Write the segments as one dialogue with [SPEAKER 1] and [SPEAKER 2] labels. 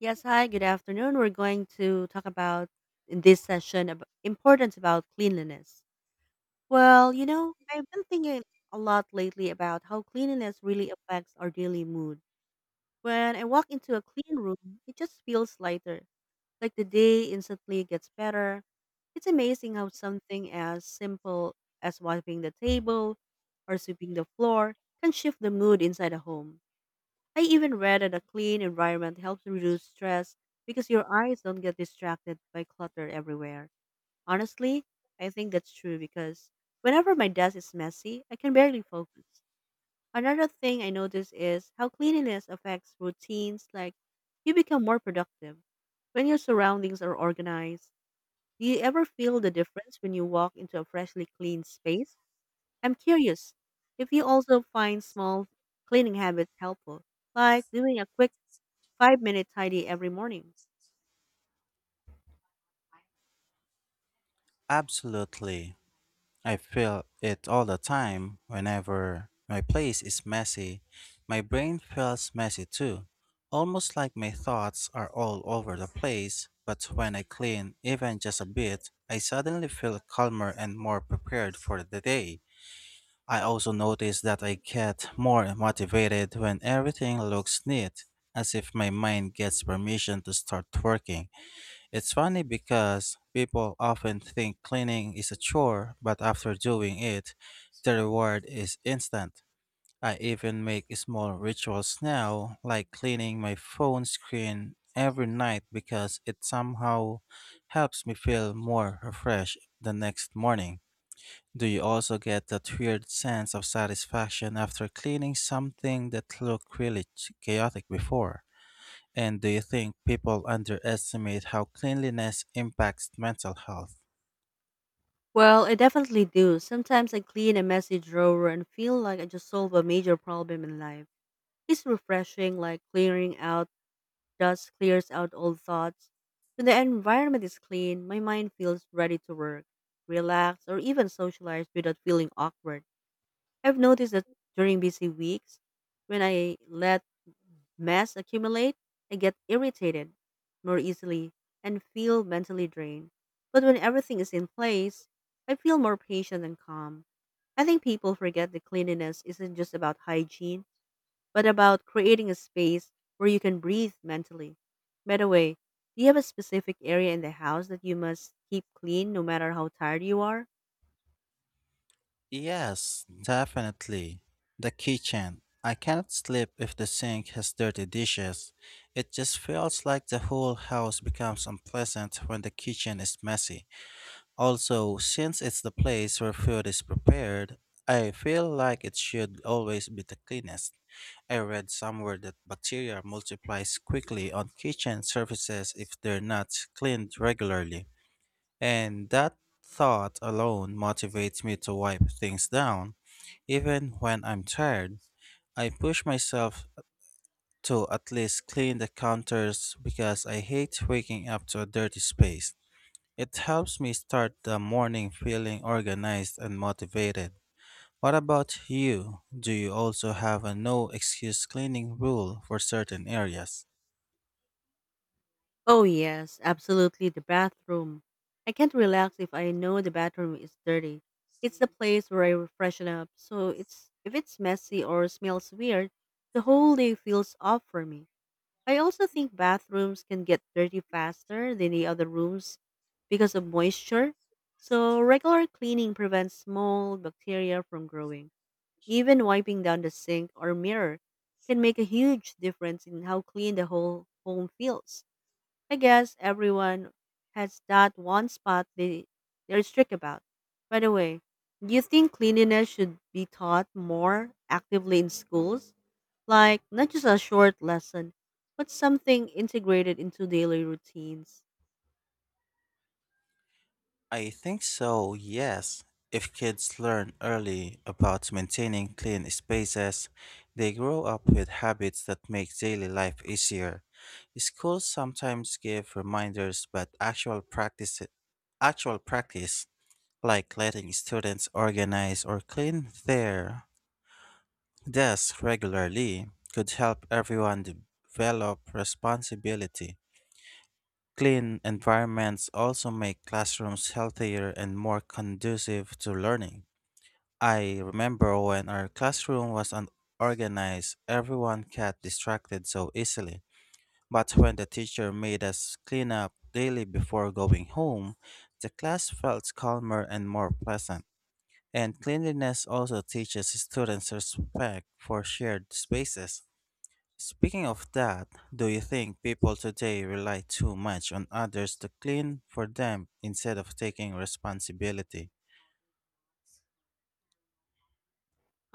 [SPEAKER 1] Yes, hi, good afternoon. We're going to talk about in this session about importance about cleanliness. Well, I've been thinking a lot lately about how cleanliness really affects our daily mood. When I walk into a clean room, it just feels lighter, like the day instantly gets better. It's amazing how something as simple as wiping the table or sweeping the floor can shift the mood inside a home. I even read that a clean environment helps reduce stress because your eyes don't get distracted by clutter everywhere. Honestly, I think that's true because whenever my desk is messy, I can barely focus. Another thing I notice is how cleanliness affects routines, like you become more productive. When your surroundings are organized, do you ever feel the difference when you walk into a freshly clean space? I'm curious if you also find small cleaning habits helpful, like doing a quick 5-minute tidy every morning?
[SPEAKER 2] Absolutely. I feel it all the time. Whenever my place is messy, my brain feels messy too. Almost like my thoughts are all over the place, but when I clean even just a bit, I suddenly feel calmer and more prepared for the day. I also notice that I get more motivated when everything looks neat, as if my mind gets permission to start working. It's funny because people often think cleaning is a chore, but after doing it, the reward is instant. I even make small rituals now, like cleaning my phone screen every night because it somehow helps me feel more refreshed the next morning. Do you also get that weird sense of satisfaction after cleaning something that looked really chaotic before? And do you think people underestimate how cleanliness impacts mental health?
[SPEAKER 1] Well, I definitely do. Sometimes I clean a messy drawer and feel like I just solved a major problem in life. It's refreshing, like clearing out dust clears out old thoughts. When the environment is clean, my mind feels ready to work, relax, or even socialize without feeling awkward. I've noticed that during busy weeks, when I let mess accumulate, I get irritated more easily and feel mentally drained. But when everything is in place, I feel more patient and calm. I think people forget that cleanliness isn't just about hygiene, but about creating a space where you can breathe mentally. By the way, do you have a specific area in the house that you must keep clean no matter how tired you are?
[SPEAKER 2] Yes, definitely. The kitchen. I cannot sleep if the sink has dirty dishes. It just feels like the whole house becomes unpleasant when the kitchen is messy. Also, since it's the place where food is prepared, I feel like it should always be the cleanest. I read somewhere that bacteria multiplies quickly on kitchen surfaces if they're not cleaned regularly. And that thought alone motivates me to wipe things down, even when I'm tired. I push myself to at least clean the counters because I hate waking up to a dirty space. It helps me start the morning feeling organized and motivated. What about you? Do you also have a no excuse cleaning rule for certain areas?
[SPEAKER 1] Oh, yes, absolutely. The bathroom. I can't relax if I know the bathroom is dirty. It's the place where I freshen up, so it's if it's messy or smells weird, the whole day feels off for me. I also think bathrooms can get dirty faster than the other rooms because of moisture. So regular cleaning prevents small bacteria from growing. Even wiping down the sink or mirror can make a huge difference in how clean the whole home feels. I guess everyone has that one spot they're strict about. By the way, do you think cleanliness should be taught more actively in schools? Like, not just a short lesson, but something integrated into daily routines.
[SPEAKER 2] I think so, yes. If kids learn early about maintaining clean spaces, they grow up with habits that make daily life easier. Schools sometimes give reminders, but actual practice, like letting students organize or clean their Desk regularly could help everyone develop responsibility. Clean environments also make classrooms healthier and more conducive to learning. I remember when our classroom was unorganized, everyone got distracted so easily. But when the teacher made us clean up daily before going home, the class felt calmer and more pleasant. And cleanliness also teaches students respect for shared spaces. Speaking of that, do you think people today rely too much on others to clean for them instead of taking responsibility?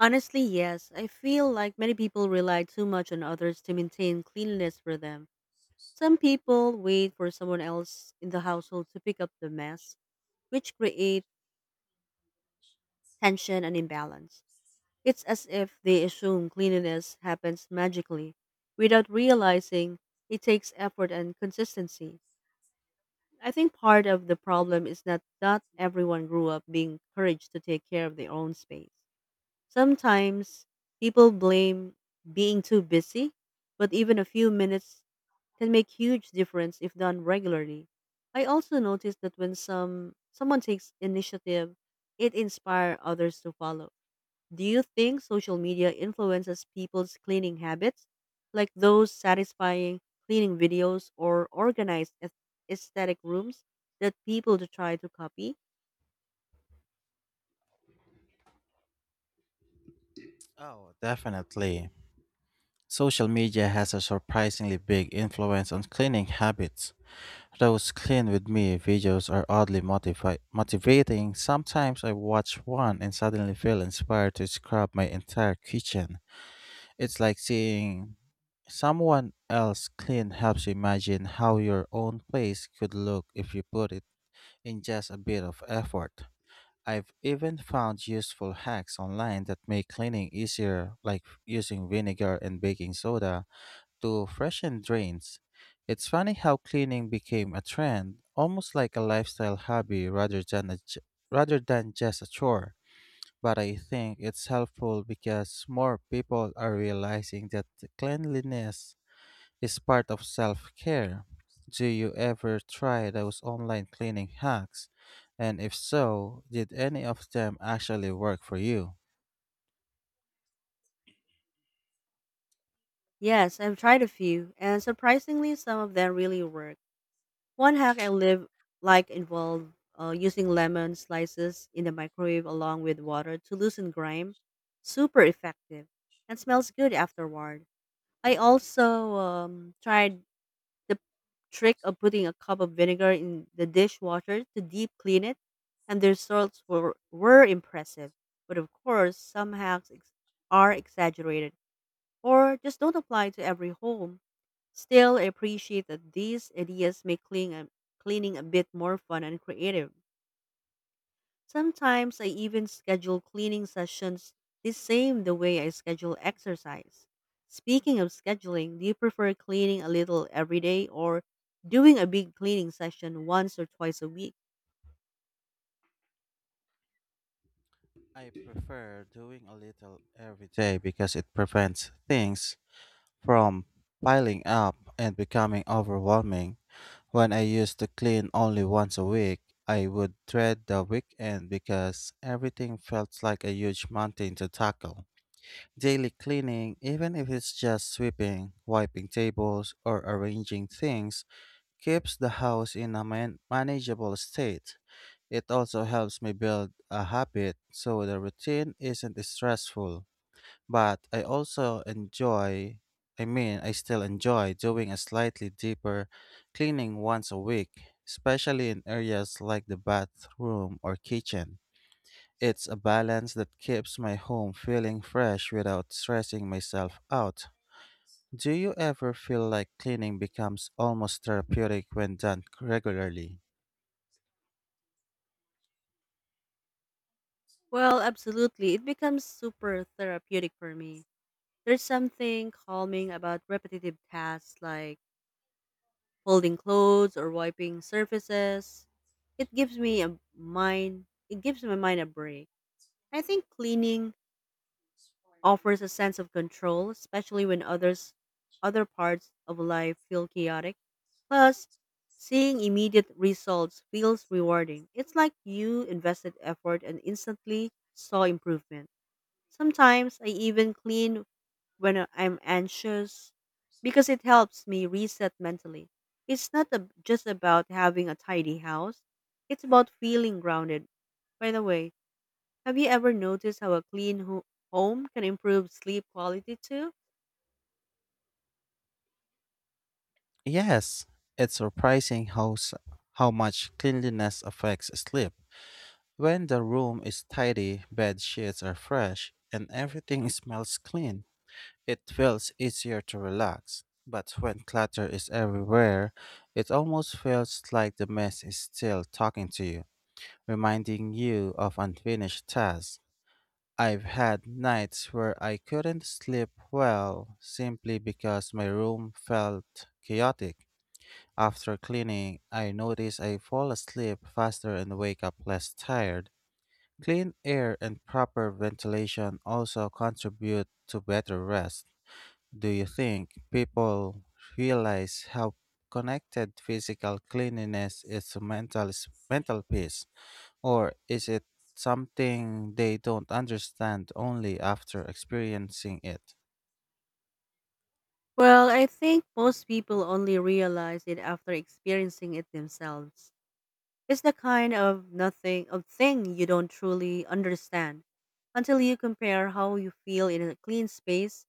[SPEAKER 1] Honestly, yes. I feel like many people rely too much on others to maintain cleanliness for them. Some people wait for someone else in the household to pick up the mess, which create tension and imbalance. It's as if they assume cleanliness happens magically without realizing it takes effort and consistency. I think part of the problem is that not everyone grew up being encouraged to take care of their own space. Sometimes people blame being too busy, but even a few minutes can make huge difference if done regularly. I also noticed that when someone takes initiative, it inspires others to follow. Do you think social media influences people's cleaning habits, like those satisfying cleaning videos or organized aesthetic rooms that people to try to copy?
[SPEAKER 2] Oh, definitely. Social media has a surprisingly big influence on cleaning habits. Those clean with me videos are oddly motivating. Sometimes I watch one and suddenly feel inspired to scrub my entire kitchen. It's like seeing someone else clean helps you imagine how your own place could look if you put it in just a bit of effort. I've even found useful hacks online that make cleaning easier, like using vinegar and baking soda to freshen drains. It's funny how cleaning became a trend, almost like a lifestyle hobby rather than rather than just a chore. But I think it's helpful because more people are realizing that cleanliness is part of self care. Do you ever try those online cleaning hacks? And if so, did any of them actually work for you?
[SPEAKER 1] Yes, I've tried a few, and surprisingly, some of them really work. One hack I live like involved using lemon slices in the microwave along with water to loosen grime. Super effective and smells good afterward. I also tried the trick of putting a cup of vinegar in the dishwasher to deep clean it, and the results were impressive. But of course, some hacks are exaggerated or just don't apply to every home. Still, I appreciate that these ideas make cleaning a bit more fun and creative. Sometimes I even schedule cleaning sessions the way I schedule exercise. Speaking of scheduling, do you prefer cleaning a little every day or doing a big cleaning session once or twice a week?
[SPEAKER 2] I prefer doing a little every day because it prevents things from piling up and becoming overwhelming. When I used to clean only once a week, I would dread the weekend because everything felt like a huge mountain to tackle. Daily cleaning, even if it's just sweeping, wiping tables, or arranging things, keeps the house in a manageable state. It also helps me build a habit so the routine isn't stressful. But I mean, I still enjoy doing a slightly deeper cleaning once a week, especially in areas like the bathroom or kitchen. It's a balance that keeps my home feeling fresh without stressing myself out. Do you ever feel like cleaning becomes almost therapeutic when done regularly?
[SPEAKER 1] Well, absolutely. It becomes super therapeutic for me. There's something calming about repetitive tasks like folding clothes or wiping surfaces. It gives my mind a break. I think cleaning offers a sense of control, especially when other parts of life feel chaotic. Plus, seeing immediate results feels rewarding. It's like you invested effort and instantly saw improvement. Sometimes I even clean when I'm anxious because it helps me reset mentally. It's not just about having a tidy house, it's about feeling grounded. By the way, have you ever noticed how a clean home can improve sleep quality too?
[SPEAKER 2] Yes, it's surprising how much cleanliness affects sleep. When the room is tidy, bed sheets are fresh, and everything smells clean, it feels easier to relax. But when clutter is everywhere, it almost feels like the mess is still talking to you, reminding you of unfinished tasks. I've had nights where I couldn't sleep well simply because my room felt chaotic. After cleaning, I notice I fall asleep faster and wake up less tired. Clean air and proper ventilation also contribute to better rest. Do you think people realize how connected physical cleanliness is to mental peace, or is it something they don't understand only after experiencing it?
[SPEAKER 1] Well, I think most people only realize it after experiencing it themselves. It's the kind of nothing of thing you don't truly understand until you compare how you feel in a clean space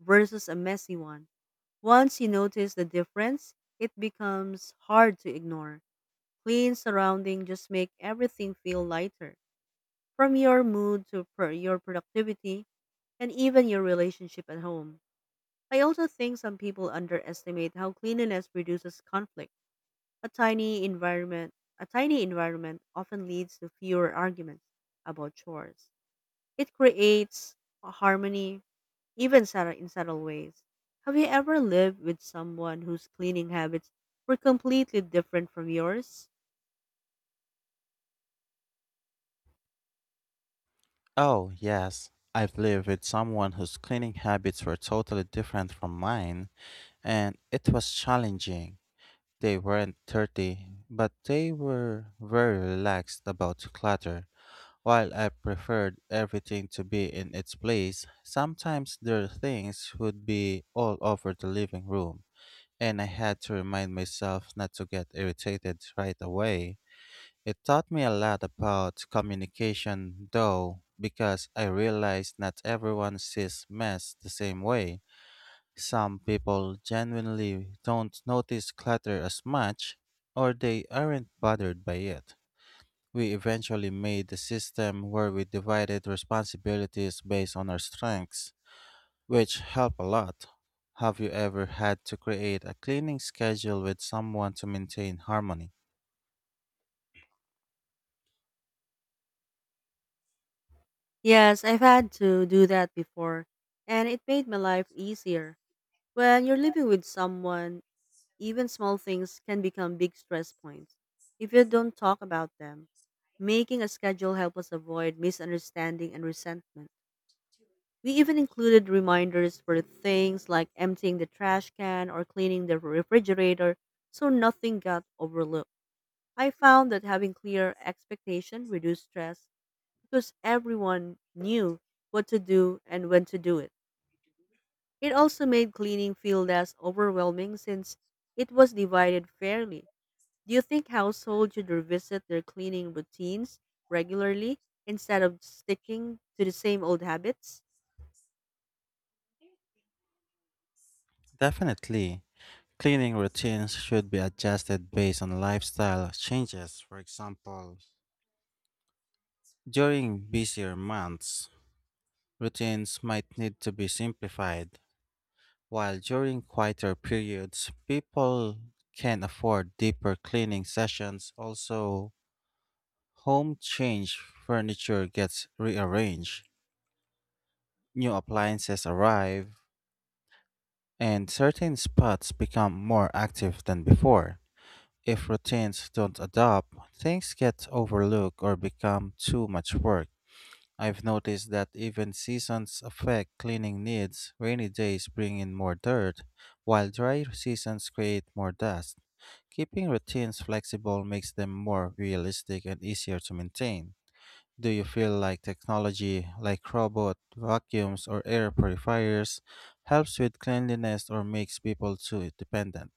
[SPEAKER 1] versus a messy one. Once you notice the difference, it becomes hard to ignore. Clean surrounding just make everything feel lighter, from your mood to your productivity, and even your relationship at home. I also think some people underestimate how cleanliness reduces conflict. A tiny environment, a tiny environment often leads to fewer arguments about chores. It creates a harmony even in subtle ways. Have you ever lived with someone whose cleaning habits were completely different from yours?
[SPEAKER 2] Oh, yes. I've lived with someone whose cleaning habits were totally different from mine, and it was challenging. They weren't dirty, but they were very relaxed about clutter. While I preferred everything to be in its place, sometimes their things would be all over the living room, and I had to remind myself not to get irritated right away. It taught me a lot about communication, though, because I realized not everyone sees mess the same way. Some people genuinely don't notice clutter as much, or they aren't bothered by it. We eventually made a system where we divided responsibilities based on our strengths, which help a lot. Have you ever had to create a cleaning schedule with someone to maintain harmony?
[SPEAKER 1] Yes, I've had to do that before, and it made my life easier. When you're living with someone, even small things can become big stress points if you don't talk about them. Making a schedule helps us avoid misunderstanding and resentment. We even included reminders for things like emptying the trash can or cleaning the refrigerator so nothing got overlooked. I found that having clear expectation reduced stress because everyone knew what to do and when to do it. It also made cleaning feel less overwhelming since it was divided fairly. Do you think households should revisit their cleaning routines regularly instead of sticking to the same old habits?
[SPEAKER 2] Definitely. Cleaning routines should be adjusted based on lifestyle changes. For example, during busier months, routines might need to be simplified, while during quieter periods, people can afford deeper cleaning sessions. Also, home change, furniture gets rearranged, new appliances arrive, and certain spots become more active than before. If routines don't adapt, things get overlooked or become too much work. I've noticed that even seasons affect cleaning needs. Rainy days bring in more dirt, while dry seasons create more dust. Keeping routines flexible makes them more realistic and easier to maintain. Do you feel like technology, like robot vacuums or air purifiers, helps with cleanliness or makes people too dependent?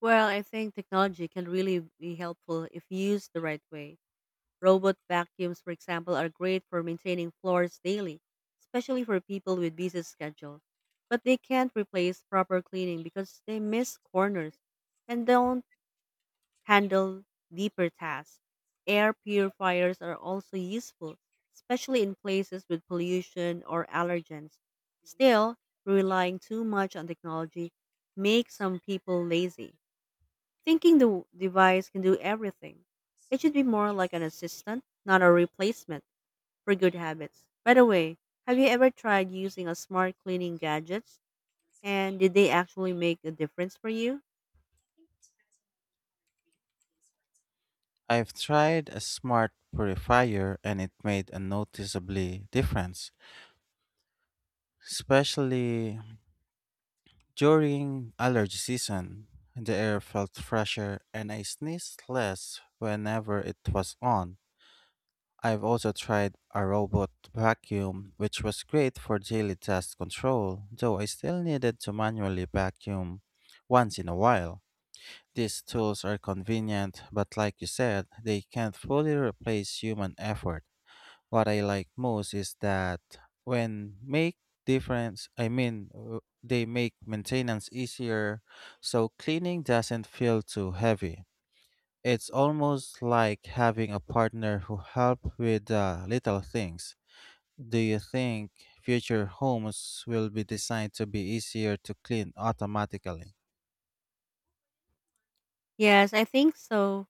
[SPEAKER 1] Well, I think technology can really be helpful if used the right way. Robot vacuums, for example, are great for maintaining floors daily, especially for people with busy schedule. But they can't replace proper cleaning because they miss corners and don't handle deeper tasks. Air purifiers are also useful, especially in places with pollution or allergens. Still, relying too much on technology makes some people lazy, thinking the device can do everything. It should be more like an assistant, not a replacement for good habits. By the way, have you ever tried using a smart cleaning gadgets and did they actually make a difference for you?
[SPEAKER 2] I've tried a smart purifier and it made a noticeably difference, especially during allergy season. The air felt fresher and I sneezed less whenever it was on. I've also tried a robot vacuum, which was great for daily dust control, though I still needed to manually vacuum once in a while. These tools are convenient, but like you said, they can't fully replace human effort. What I like most is that when make they make maintenance easier, so cleaning doesn't feel too heavy. It's almost like having a partner who help with the little things. Do you think future homes will be designed to be easier to clean automatically?
[SPEAKER 1] Yes, I think so.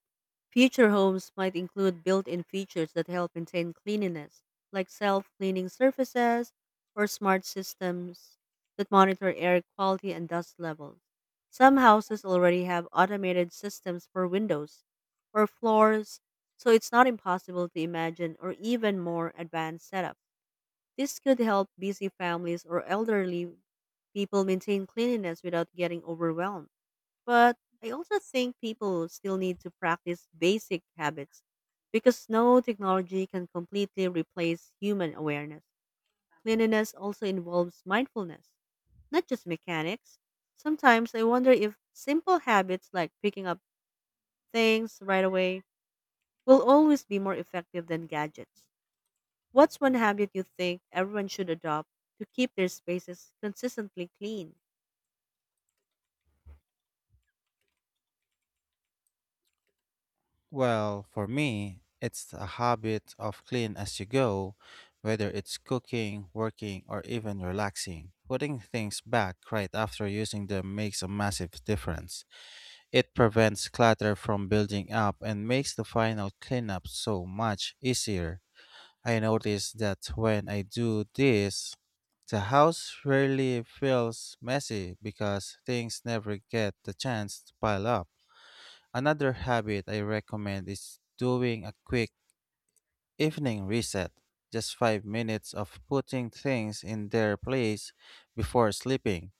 [SPEAKER 1] Future homes might include built in features that help maintain cleanliness, like self cleaning surfaces or smart systems that monitor air quality and dust levels. Some houses already have automated systems for windows or floors, so it's not impossible to imagine or even more advanced setup. This could help busy families or elderly people maintain cleanliness without getting overwhelmed. But I also think people still need to practice basic habits because no technology can completely replace human awareness. Cleanliness also involves mindfulness, not just mechanics. Sometimes I wonder if simple habits like picking up things right away will always be more effective than gadgets. What's one habit you think everyone should adopt to keep their spaces consistently clean?
[SPEAKER 2] Well, for me, it's a habit of clean as you go, whether it's cooking, working, or even relaxing. Putting things back right after using them makes a massive difference. It prevents clutter from building up and makes the final cleanup so much easier. I notice that when I do this, the house rarely feels messy because things never get the chance to pile up. Another habit I recommend is doing a quick evening reset, just 5 minutes of putting things in their place before sleeping.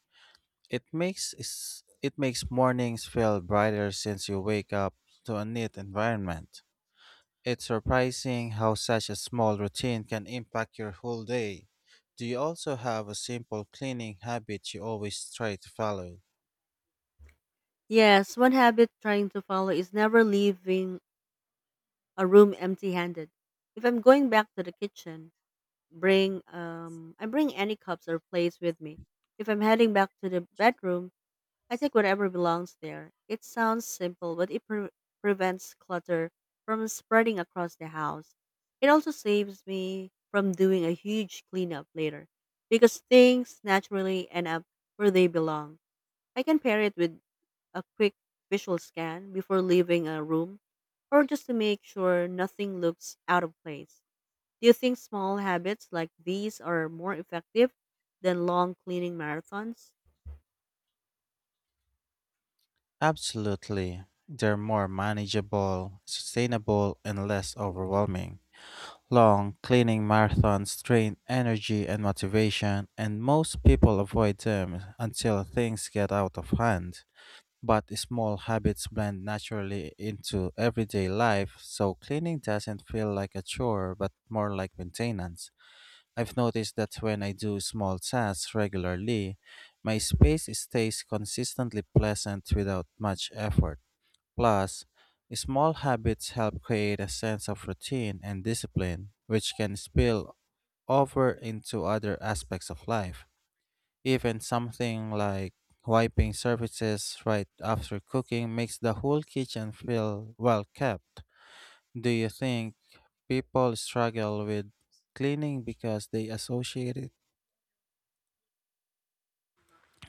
[SPEAKER 2] It makes mornings feel brighter since you wake up to a neat environment. It's surprising how such a small routine can impact your whole day. Do you also have a simple cleaning habit you always try to follow?
[SPEAKER 1] Yes, one habit trying to follow is never leaving a room empty-handed. If I'm going back to the kitchen, bring I bring any cups or plates with me. If I'm heading back to the bedroom, I take whatever belongs there. It sounds simple, but it prevents clutter from spreading across the house. It also saves me from doing a huge cleanup later because things naturally end up where they belong. I can pair it with a quick visual scan before leaving a room or just to make sure nothing looks out of place. Do you think small habits like these are more effective than long cleaning marathons?
[SPEAKER 2] Absolutely. They're more manageable, sustainable, and less overwhelming. Long cleaning marathons drain energy and motivation, and most people avoid them until things get out of hand. But small habits blend naturally into everyday life, so cleaning doesn't feel like a chore but more like maintenance. I've noticed that when I do small tasks regularly, my space stays consistently pleasant without much effort. Plus, small habits help create a sense of routine and discipline, which can spill over into other aspects of life. Even something like wiping surfaces right after cooking makes the whole kitchen feel well kept. Do you think people struggle with cleaning because they associate it?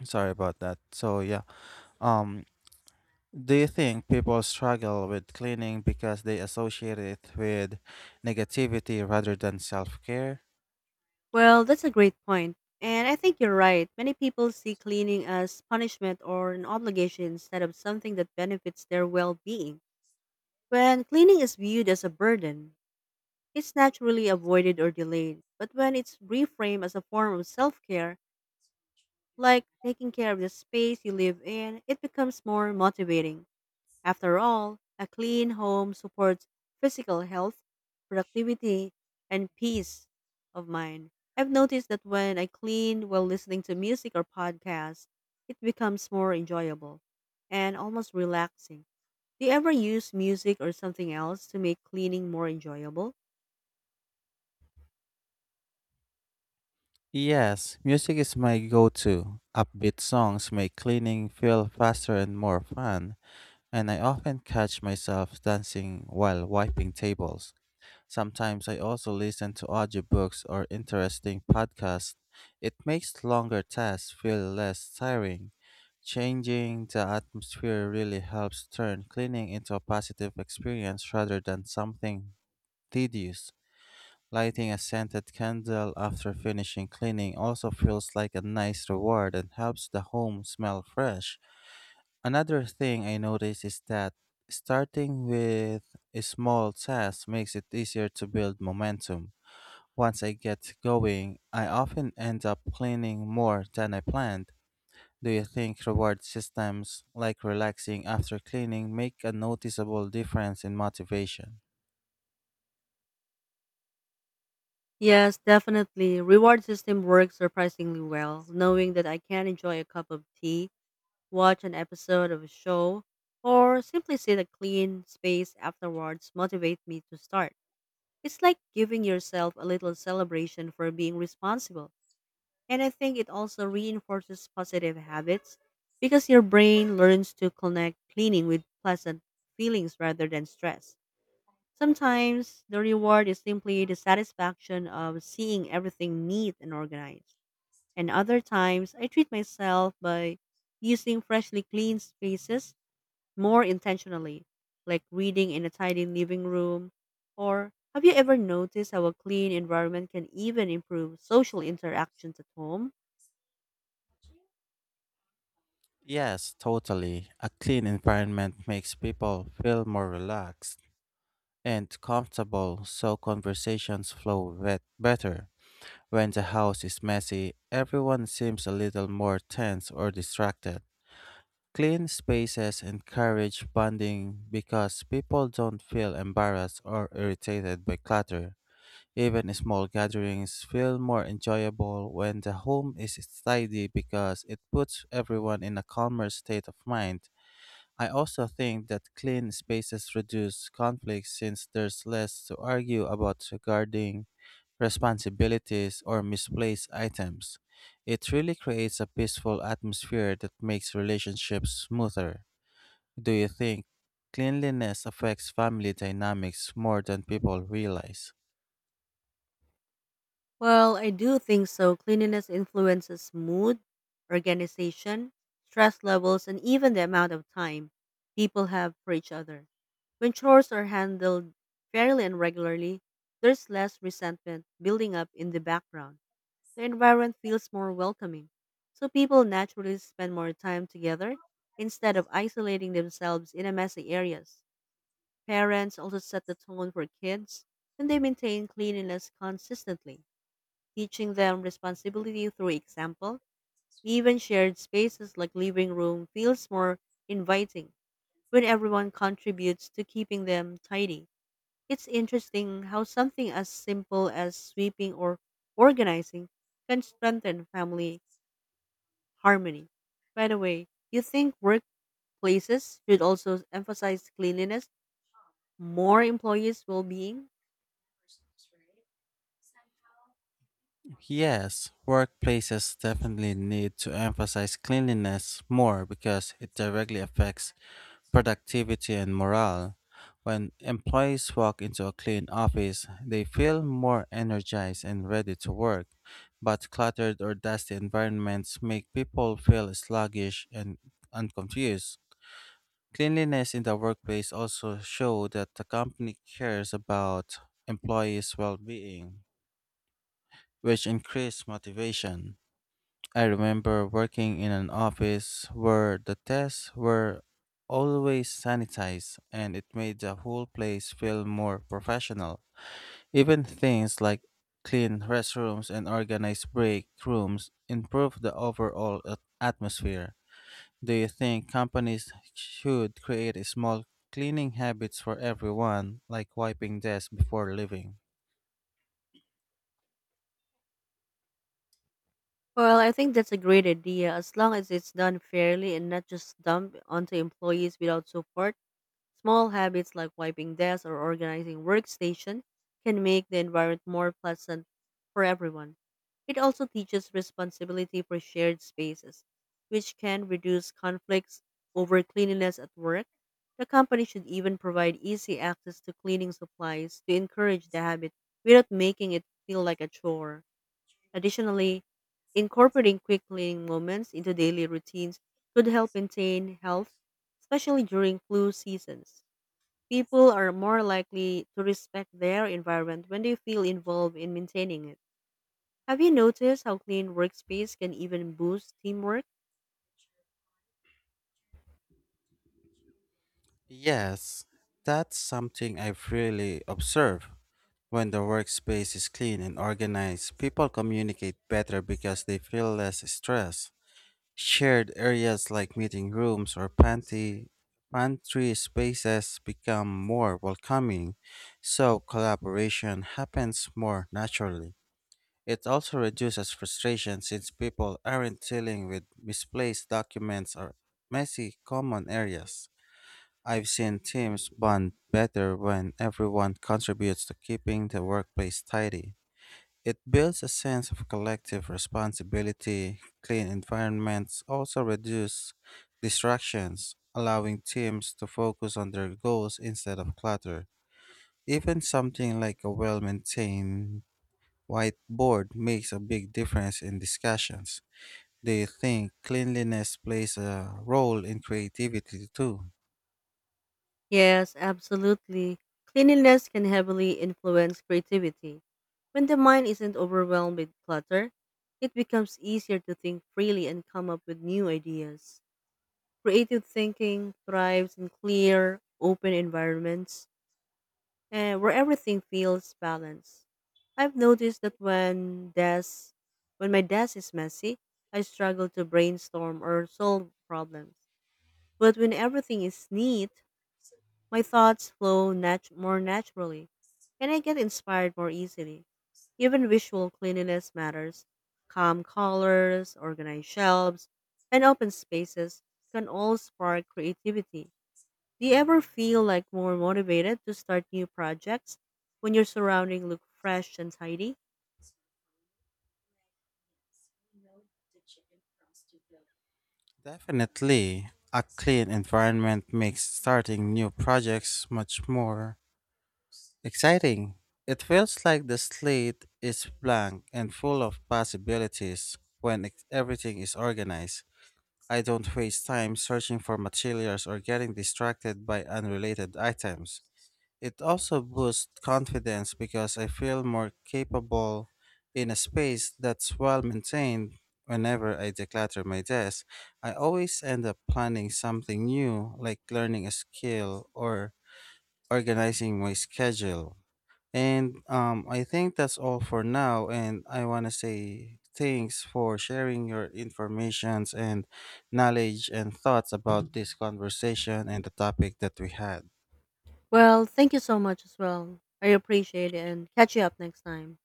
[SPEAKER 2] Sorry about that. So yeah, um do you think people struggle with cleaning because they associate it with negativity rather than self care?
[SPEAKER 1] Well, that's a great point. And I think you're right. Many people see cleaning as punishment or an obligation instead of something that benefits their well being. When cleaning is viewed as a burden, it's naturally avoided or delayed. But when it's reframed as a form of self care, like taking care of the space you live in, it becomes more motivating. After all, a clean home supports physical health, productivity, and peace of mind. I've noticed that when I clean while listening to music or podcasts, it becomes more enjoyable and almost relaxing. Do you ever use music or something else to make cleaning more enjoyable?
[SPEAKER 2] Yes, music is my go to. Upbeat songs make cleaning feel faster and more fun, and I often catch myself dancing while wiping tables. Sometimes I also listen to audiobooks or interesting podcasts. It makes longer tasks feel less tiring. Changing the atmosphere really helps turn cleaning into a positive experience rather than something tedious. Lighting a scented candle after finishing cleaning also feels like a nice reward and helps the home smell fresh. Another thing I notice is that starting with a small task makes it easier to build momentum. Once I get going, I often end up cleaning more than I planned. Do you think reward systems like relaxing after cleaning make a noticeable difference in motivation?
[SPEAKER 1] Yes, definitely. Reward system works surprisingly well. Knowing that I can enjoy a cup of tea, watch an episode of a show, or simply sit in a clean space afterwards motivate me to start. It's like giving yourself a little celebration for being responsible. And I think it also reinforces positive habits because your brain learns to connect cleaning with pleasant feelings rather than stress. Sometimes the reward is simply the satisfaction of seeing everything neat and organized. And other times I treat myself by using freshly cleaned spaces more intentionally, like reading in a tidy living room. Or have you ever noticed how a clean environment can even improve social interactions at home?
[SPEAKER 2] Yes, totally. A clean environment makes people feel more relaxed and comfortable, so conversations flow better. When the house is messy, everyone seems a little more tense or distracted. Clean spaces encourage bonding because people don't feel embarrassed or irritated by clutter. Even small gatherings feel more enjoyable when the home is tidy because it puts everyone in a calmer state of mind. I also think that clean spaces reduce conflict since there's less to argue about regarding responsibilities or misplaced items. It really creates a peaceful atmosphere that makes relationships smoother. Do you think cleanliness affects family dynamics more than people realize?
[SPEAKER 1] Well, I do think so. Cleanliness influences mood, organization, stress levels, and even the amount of time people have for each other. When chores are handled fairly and regularly, there's less resentment building up in the background. The environment feels more welcoming, so people naturally spend more time together instead of isolating themselves in a messy areas. Parents also set the tone for kids and they maintain cleanliness consistently, teaching them responsibility through example. Even shared spaces like living room feels more inviting when everyone contributes to keeping them tidy. It's interesting how something as simple as sweeping or organizing can strengthen family harmony. By the way, you think workplaces should also emphasize cleanliness, more employees' well being?
[SPEAKER 2] Yes, workplaces definitely need to emphasize cleanliness more because it directly affects productivity and morale. When employees walk into a clean office, they feel more energized and ready to work. But cluttered or dusty environments make people feel sluggish and unconfused. Cleanliness in the workplace also show that the company cares about employees' well-being, which increase motivation. I remember working in an office where the desks were always sanitized and it made the whole place feel more professional. Even things like clean restrooms and organized break rooms improve the overall atmosphere. Do you think companies should create a small cleaning habits for everyone, like wiping desks before leaving?
[SPEAKER 1] Well, I think that's a great idea as long as it's done fairly and not just dumped onto employees without support. Small habits like wiping desks or organizing workstation can make the environment more pleasant for everyone. It also teaches responsibility for shared spaces, which can reduce conflicts over cleanliness at work. The company should even provide easy access to cleaning supplies to encourage the habit without making it feel like a chore. Additionally, incorporating quick cleaning moments into daily routines could help maintain health, especially during flu seasons. People are more likely to respect their environment when they feel involved in maintaining it. Have you noticed how clean workspace can even boost teamwork?
[SPEAKER 2] Yes, that's something I've really observed. When the workspace is clean and organized, people communicate better because they feel less stress. Shared areas like meeting rooms or pantry, pantry spaces become more welcoming, so collaboration happens more naturally. It also reduces frustration since people aren't dealing with misplaced documents or messy common areas. I've seen teams bond better when everyone contributes to keeping the workplace tidy. It builds a sense of collective responsibility. Clean environments also reduce distractions, allowing teams to focus on their goals instead of clutter. Even something like a well maintained whiteboard makes a big difference in discussions. Do you think cleanliness plays a role in creativity too?
[SPEAKER 1] Yes, absolutely. Cleanliness can heavily influence creativity. When the mind isn't overwhelmed with clutter, it becomes easier to think freely and come up with new ideas. Creative thinking thrives in clear, open environments and where everything feels balanced. I've noticed that when my desk is messy, I struggle to brainstorm or solve problems. But when everything is neat, my thoughts flow more naturally, and I get inspired more easily. Even visual cleanliness matters. Calm colors, organized shelves, and open spaces can all spark creativity. Do you ever feel like more motivated to start new projects when your surrounding look fresh and tidy?
[SPEAKER 2] Definitely, a clean environment makes starting new projects much more exciting. It feels like the slate is blank and full of possibilities when everything is organized. I don't waste time searching for materials or getting distracted by unrelated items. It also boosts confidence because I feel more capable in a space that's well maintained. Whenever I declutter my desk, I always end up planning something new, like learning a skill or organizing my schedule. And I think that's all for now. And I want to say thanks for sharing your informations and knowledge and thoughts about this conversation and the topic that we had.
[SPEAKER 1] Well, thank you so much as well. I appreciate it and catch you up next time.